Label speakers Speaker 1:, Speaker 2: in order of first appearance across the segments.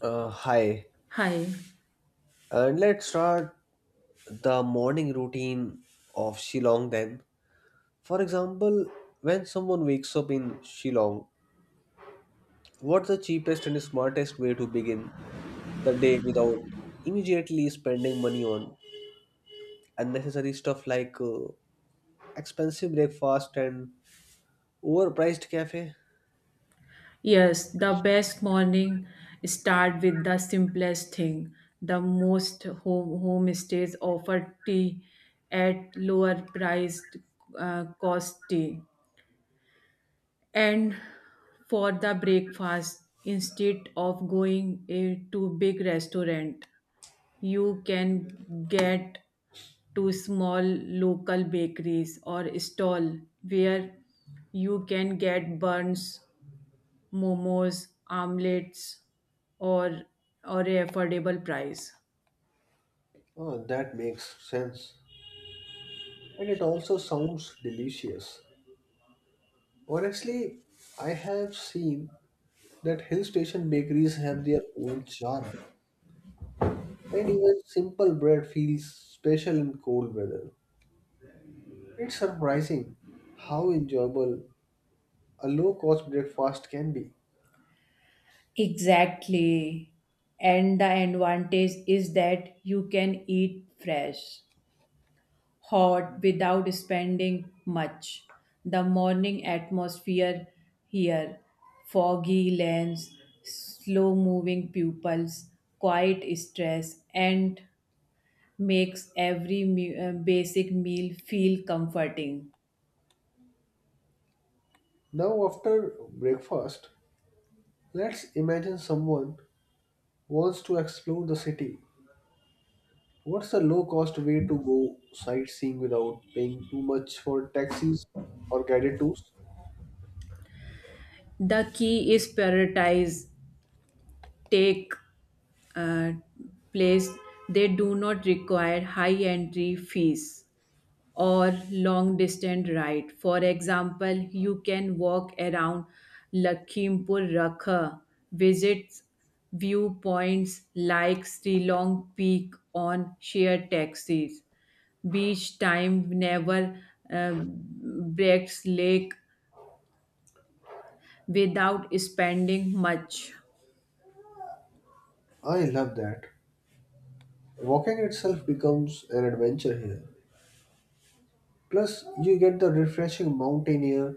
Speaker 1: Hi.
Speaker 2: Hi.
Speaker 1: Let's start the morning routine of Shillong then. For example, when someone wakes up in Shillong, what's the cheapest and smartest way to begin the day without immediately spending money on unnecessary stuff like expensive breakfast and overpriced cafe?
Speaker 2: Yes, the best morning start with the simplest thing. The most homestays offer tea at lower priced cost tea. And for the breakfast, instead of going to big restaurant, you can get to small local bakeries or stall where you can get buns momos, omelets, or or a affordable price.
Speaker 1: Oh, that makes sense. And it also sounds delicious. Honestly, I have seen that hill station bakeries have their own charm, and even simple bread feels special in cold weather. It's surprising how enjoyable a low cost breakfast can be.
Speaker 2: Exactly. And the advantage is that you can eat fresh, hot without spending much. The morning atmosphere here, foggy lands, slow moving pupils, quiet stress, and makes every basic meal feel comforting.
Speaker 1: Now, after breakfast, let's imagine someone wants to explore the city. What's the low cost way to go sightseeing without paying too much for taxis or guided tours?
Speaker 2: The key is prioritize take uh, place they do not require high entry fees or long distance ride. For example, you can walk around lakhimpur rakha, visit viewpoints like Long peak on shared taxis, beach time never, breaks lake without spending much.
Speaker 1: I love that. Walking itself becomes an adventure here. Plus, you get the refreshing mountain air,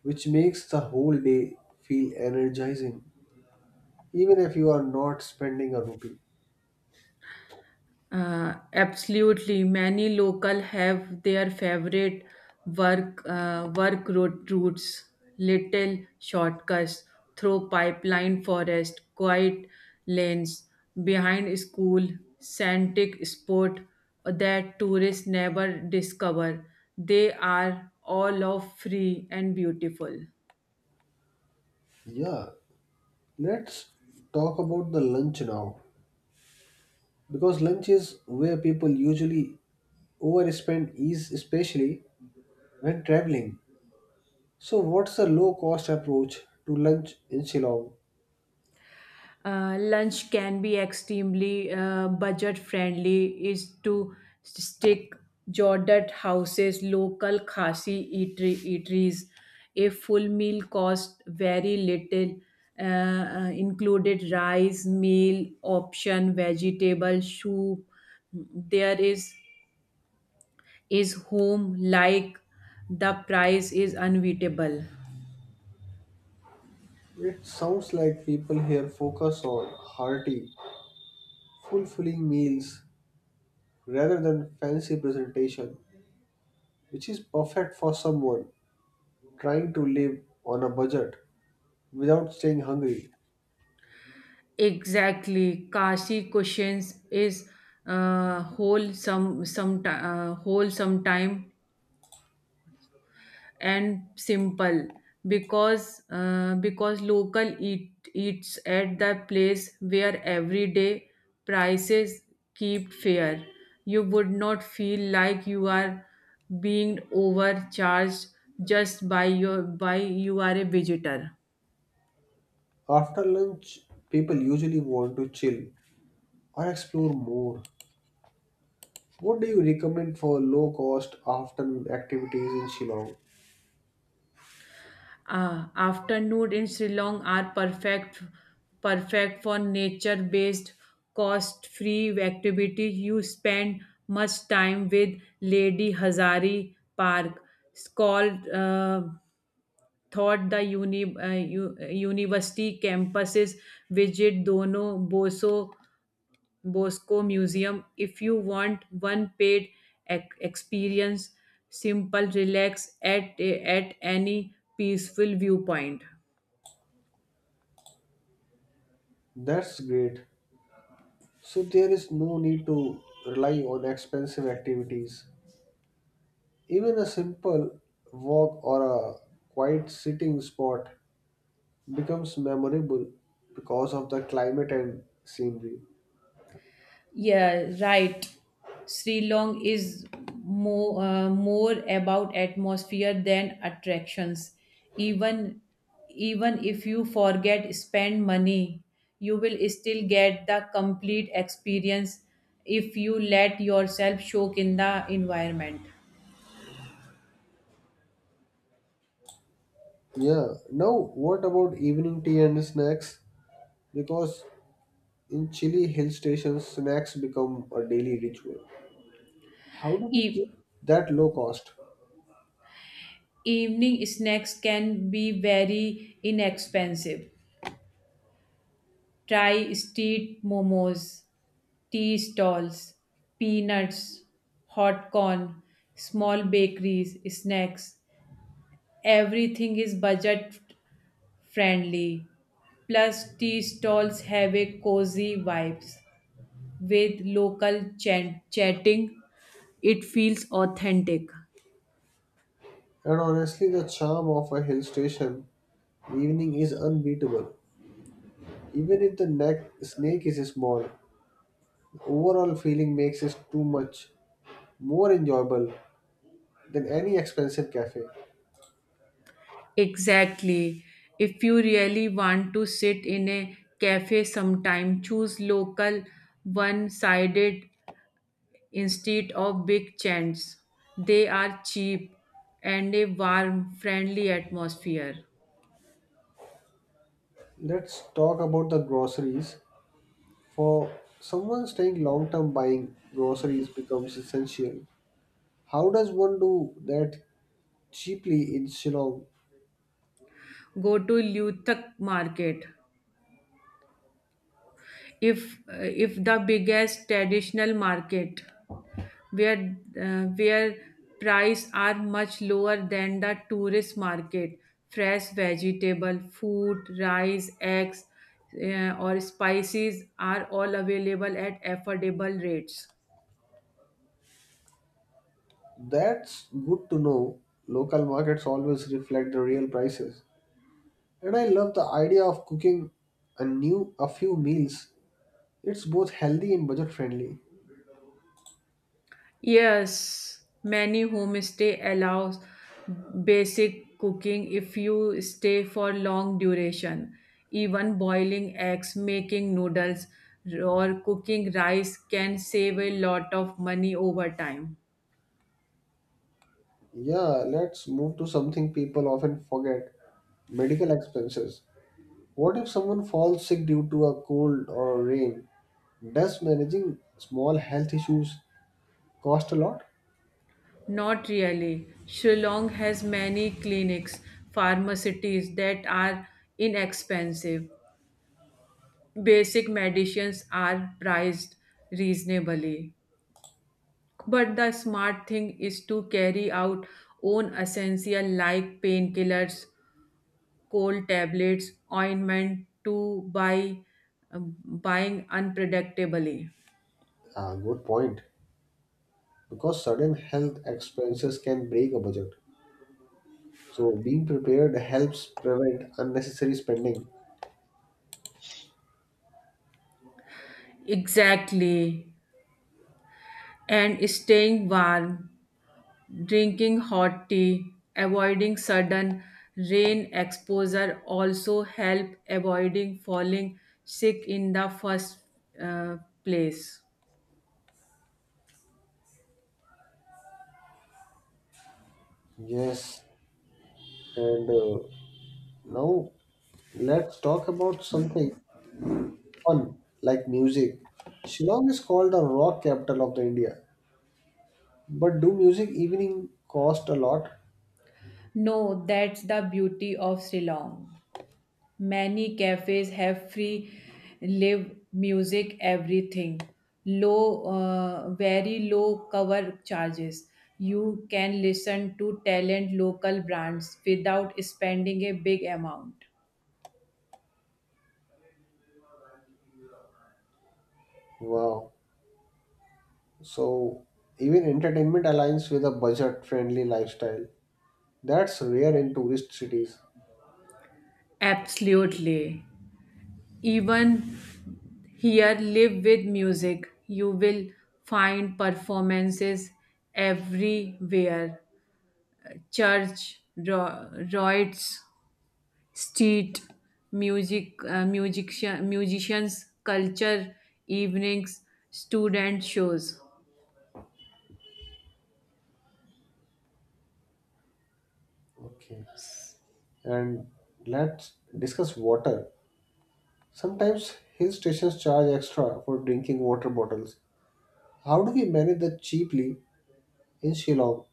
Speaker 1: which makes the whole day feel energizing, even if you are not spending a rupee.
Speaker 2: Absolutely, many local have their favorite work road routes, little shortcuts through pipeline forest, quiet lanes behind school, scenic spot that tourists never discover. They are all of free and beautiful.
Speaker 1: Yeah, let's talk about the lunch now, because lunch is where people usually overspend, is especially when traveling. So, what's the low cost approach to lunch in Shillong?
Speaker 2: Lunch can be extremely budget friendly is to stick jordat houses local khasi eateries, a full meal cost very little, included rice meal option vegetable soup, there is home like the price is unbeatable.
Speaker 1: It sounds like people here focus on hearty, fulfilling meals rather than fancy presentation, which is perfect for someone trying to live on a budget without staying hungry.
Speaker 2: Exactly. Kashi questions is whole sometime and simple, because local eats at the place where everyday prices keep fair. You would not feel like you are being overcharged just by you are a visitor.
Speaker 1: After lunch, people usually want to chill or explore more. What do you recommend for low cost afternoon activities in Shillong?
Speaker 2: Afternoon in Sri Lanka are perfect for nature-based, cost-free activity. You spend much time with Lady Hazari Park. It's called thought the university campuses. Visit Dono Boso Bosco Museum if you want one paid experience. Simple, relax at any peaceful viewpoint.
Speaker 1: That's great. So there is no need to rely on expensive activities. Even a simple walk or a quiet sitting spot becomes memorable because of the climate and scenery.
Speaker 2: Yeah, right. Sri Long is more about atmosphere than attractions. Even even if you forget spend money, you will still get the complete experience if you let yourself soak in the environment.
Speaker 1: Yeah. Now, what about evening tea and snacks? Because in chilly hill stations, snacks become a daily ritual. How do we keep
Speaker 2: E-
Speaker 1: that low cost?
Speaker 2: evening snacks can be very inexpensive. Try street momos, tea stalls, peanuts, hot corn, small bakeries, snacks. Everything is budget friendly. Plus, tea stalls have a cozy vibes with local chatting. It feels authentic.
Speaker 1: And honestly, the charm of a hill station evening is unbeatable. Even if the neck snake is small, the overall feeling makes it too much more enjoyable than any expensive cafe.
Speaker 2: Exactly. If you really want to sit in a cafe sometime, choose local one sided instead of big chants. They are cheap and a warm, friendly atmosphere.
Speaker 1: Let's talk about the groceries. For someone staying long term, buying groceries becomes essential. How does one do that cheaply in Shillong?
Speaker 2: Go to Luthak market, if the biggest traditional market, where where price are much lower than the tourist market. Fresh vegetable, food, rice, eggs, or spices are all available at affordable rates.
Speaker 1: That's good to know. Local markets always reflect the real prices. And I love the idea of cooking a new a few meals. It's both healthy and budget friendly.
Speaker 2: Yes, many homestay allows basic cooking if you stay for long duration. Even boiling eggs, making noodles, or cooking rice can save a lot of money over time.
Speaker 1: Yeah, let's move to something people often forget. Medical expenses. What if someone falls sick due to a cold or rain? Does managing small health issues cost a lot?
Speaker 2: Not really. Shillong has many clinics, pharmacies that are inexpensive. Basic medicines are priced reasonably. But the smart thing is to carry out own essential like painkillers, cold tablets, ointment to buy, buying unpredictably.
Speaker 1: Ah, good point, because sudden health expenses can break a budget. So being prepared helps prevent unnecessary spending.
Speaker 2: Exactly. And staying warm, drinking hot tea, avoiding sudden rain exposure also help avoiding falling sick in the first uh, place.
Speaker 1: Yes, and now let's talk about something fun like music. Shillong is called the rock capital of the India, but do music evening cost a lot?
Speaker 2: No, that's the beauty of Sri Lanka. Many cafes have free live music, everything. Very low cover charges. You can listen to talent local brands without spending a big amount.
Speaker 1: Wow. So even entertainment aligns with a budget-friendly lifestyle. That's rare in tourist cities.
Speaker 2: Absolutely. Even here, live with music, you will find performances everywhere. Church, rites, street music, musicians, culture evenings, student shows.
Speaker 1: Okay. And let's discuss water. Sometimes hill stations charge extra for drinking water bottles. How do we manage that cheaply in Shillong?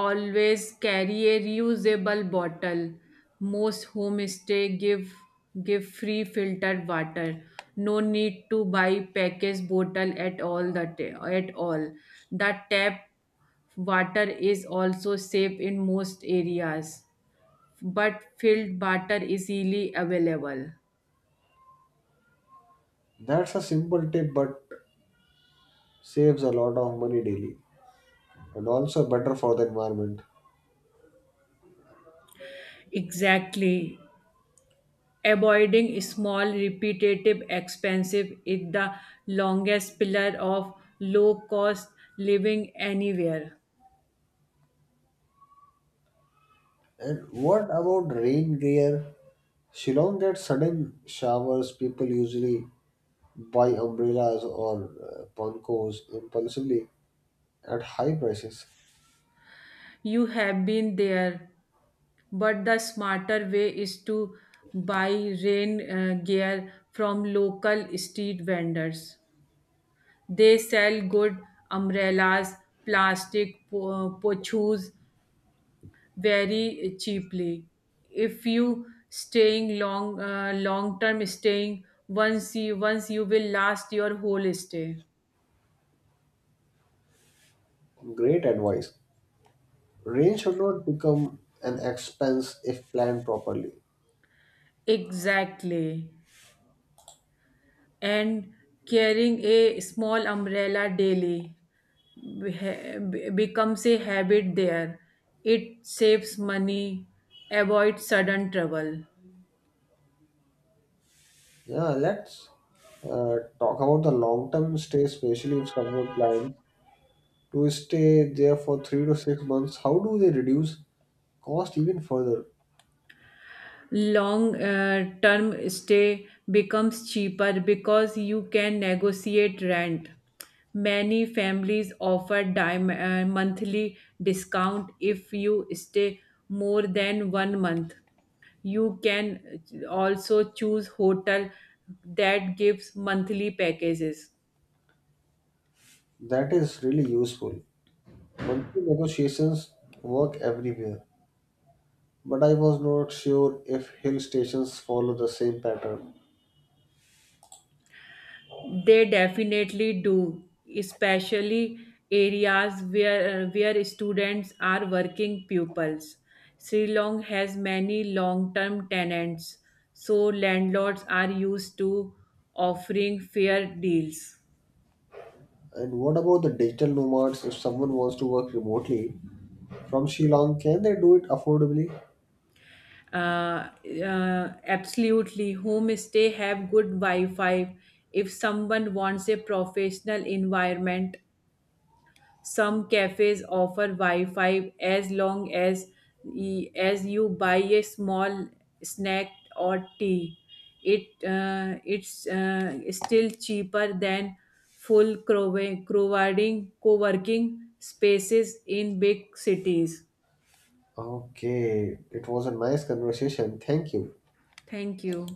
Speaker 2: Always carry a reusable bottle. Most homestay give free filtered water. No need to buy packaged bottle at all. The tap water is also safe in most areas, but filled water is easily available.
Speaker 1: That's a simple tip but saves a lot of money daily and also better for the environment.
Speaker 2: Exactly. Avoiding small, repetitive, expensive is the longest pillar of low cost living anywhere.
Speaker 1: And what about rain gear? Shillong gets sudden showers, people usually buy umbrellas or pankos impulsively at high prices.
Speaker 2: You have been there, but the smarter way is to buy rain gear from local street vendors. They sell good umbrellas, plastic pochus, very cheaply if you staying long term staying, once you will last your whole stay.
Speaker 1: Great advice. Rain should not become an expense if planned properly.
Speaker 2: Exactly, and carrying a small umbrella daily becomes a habit there. It saves money, avoids sudden trouble.
Speaker 1: Yeah, let's talk about the long-term stay, especially if someone plans to stay there for 3 to 6 months. How do they reduce cost even further?
Speaker 2: Long term stay becomes cheaper because you can negotiate rent. Many families offer monthly discount if you stay more than one month. You can also choose hotel that gives monthly packages.
Speaker 1: That is really useful. Monthly negotiations work everywhere, but I was not sure if hill stations follow the same pattern.
Speaker 2: They definitely do, especially areas where students are working pupils. Sri Lanka has many long-term tenants, so landlords are used to offering fair deals.
Speaker 1: And what about the digital nomads? If someone wants to work remotely from Shillong, can they do it affordably?
Speaker 2: Uh, absolutely, homestay have good Wi-Fi. If someone wants a professional environment, some cafes offer Wi-Fi as long as you buy a small snack or tea. It's still cheaper than full crowding co-working spaces in big cities.
Speaker 1: Okay, it was a nice conversation. Thank you.
Speaker 2: Thank you.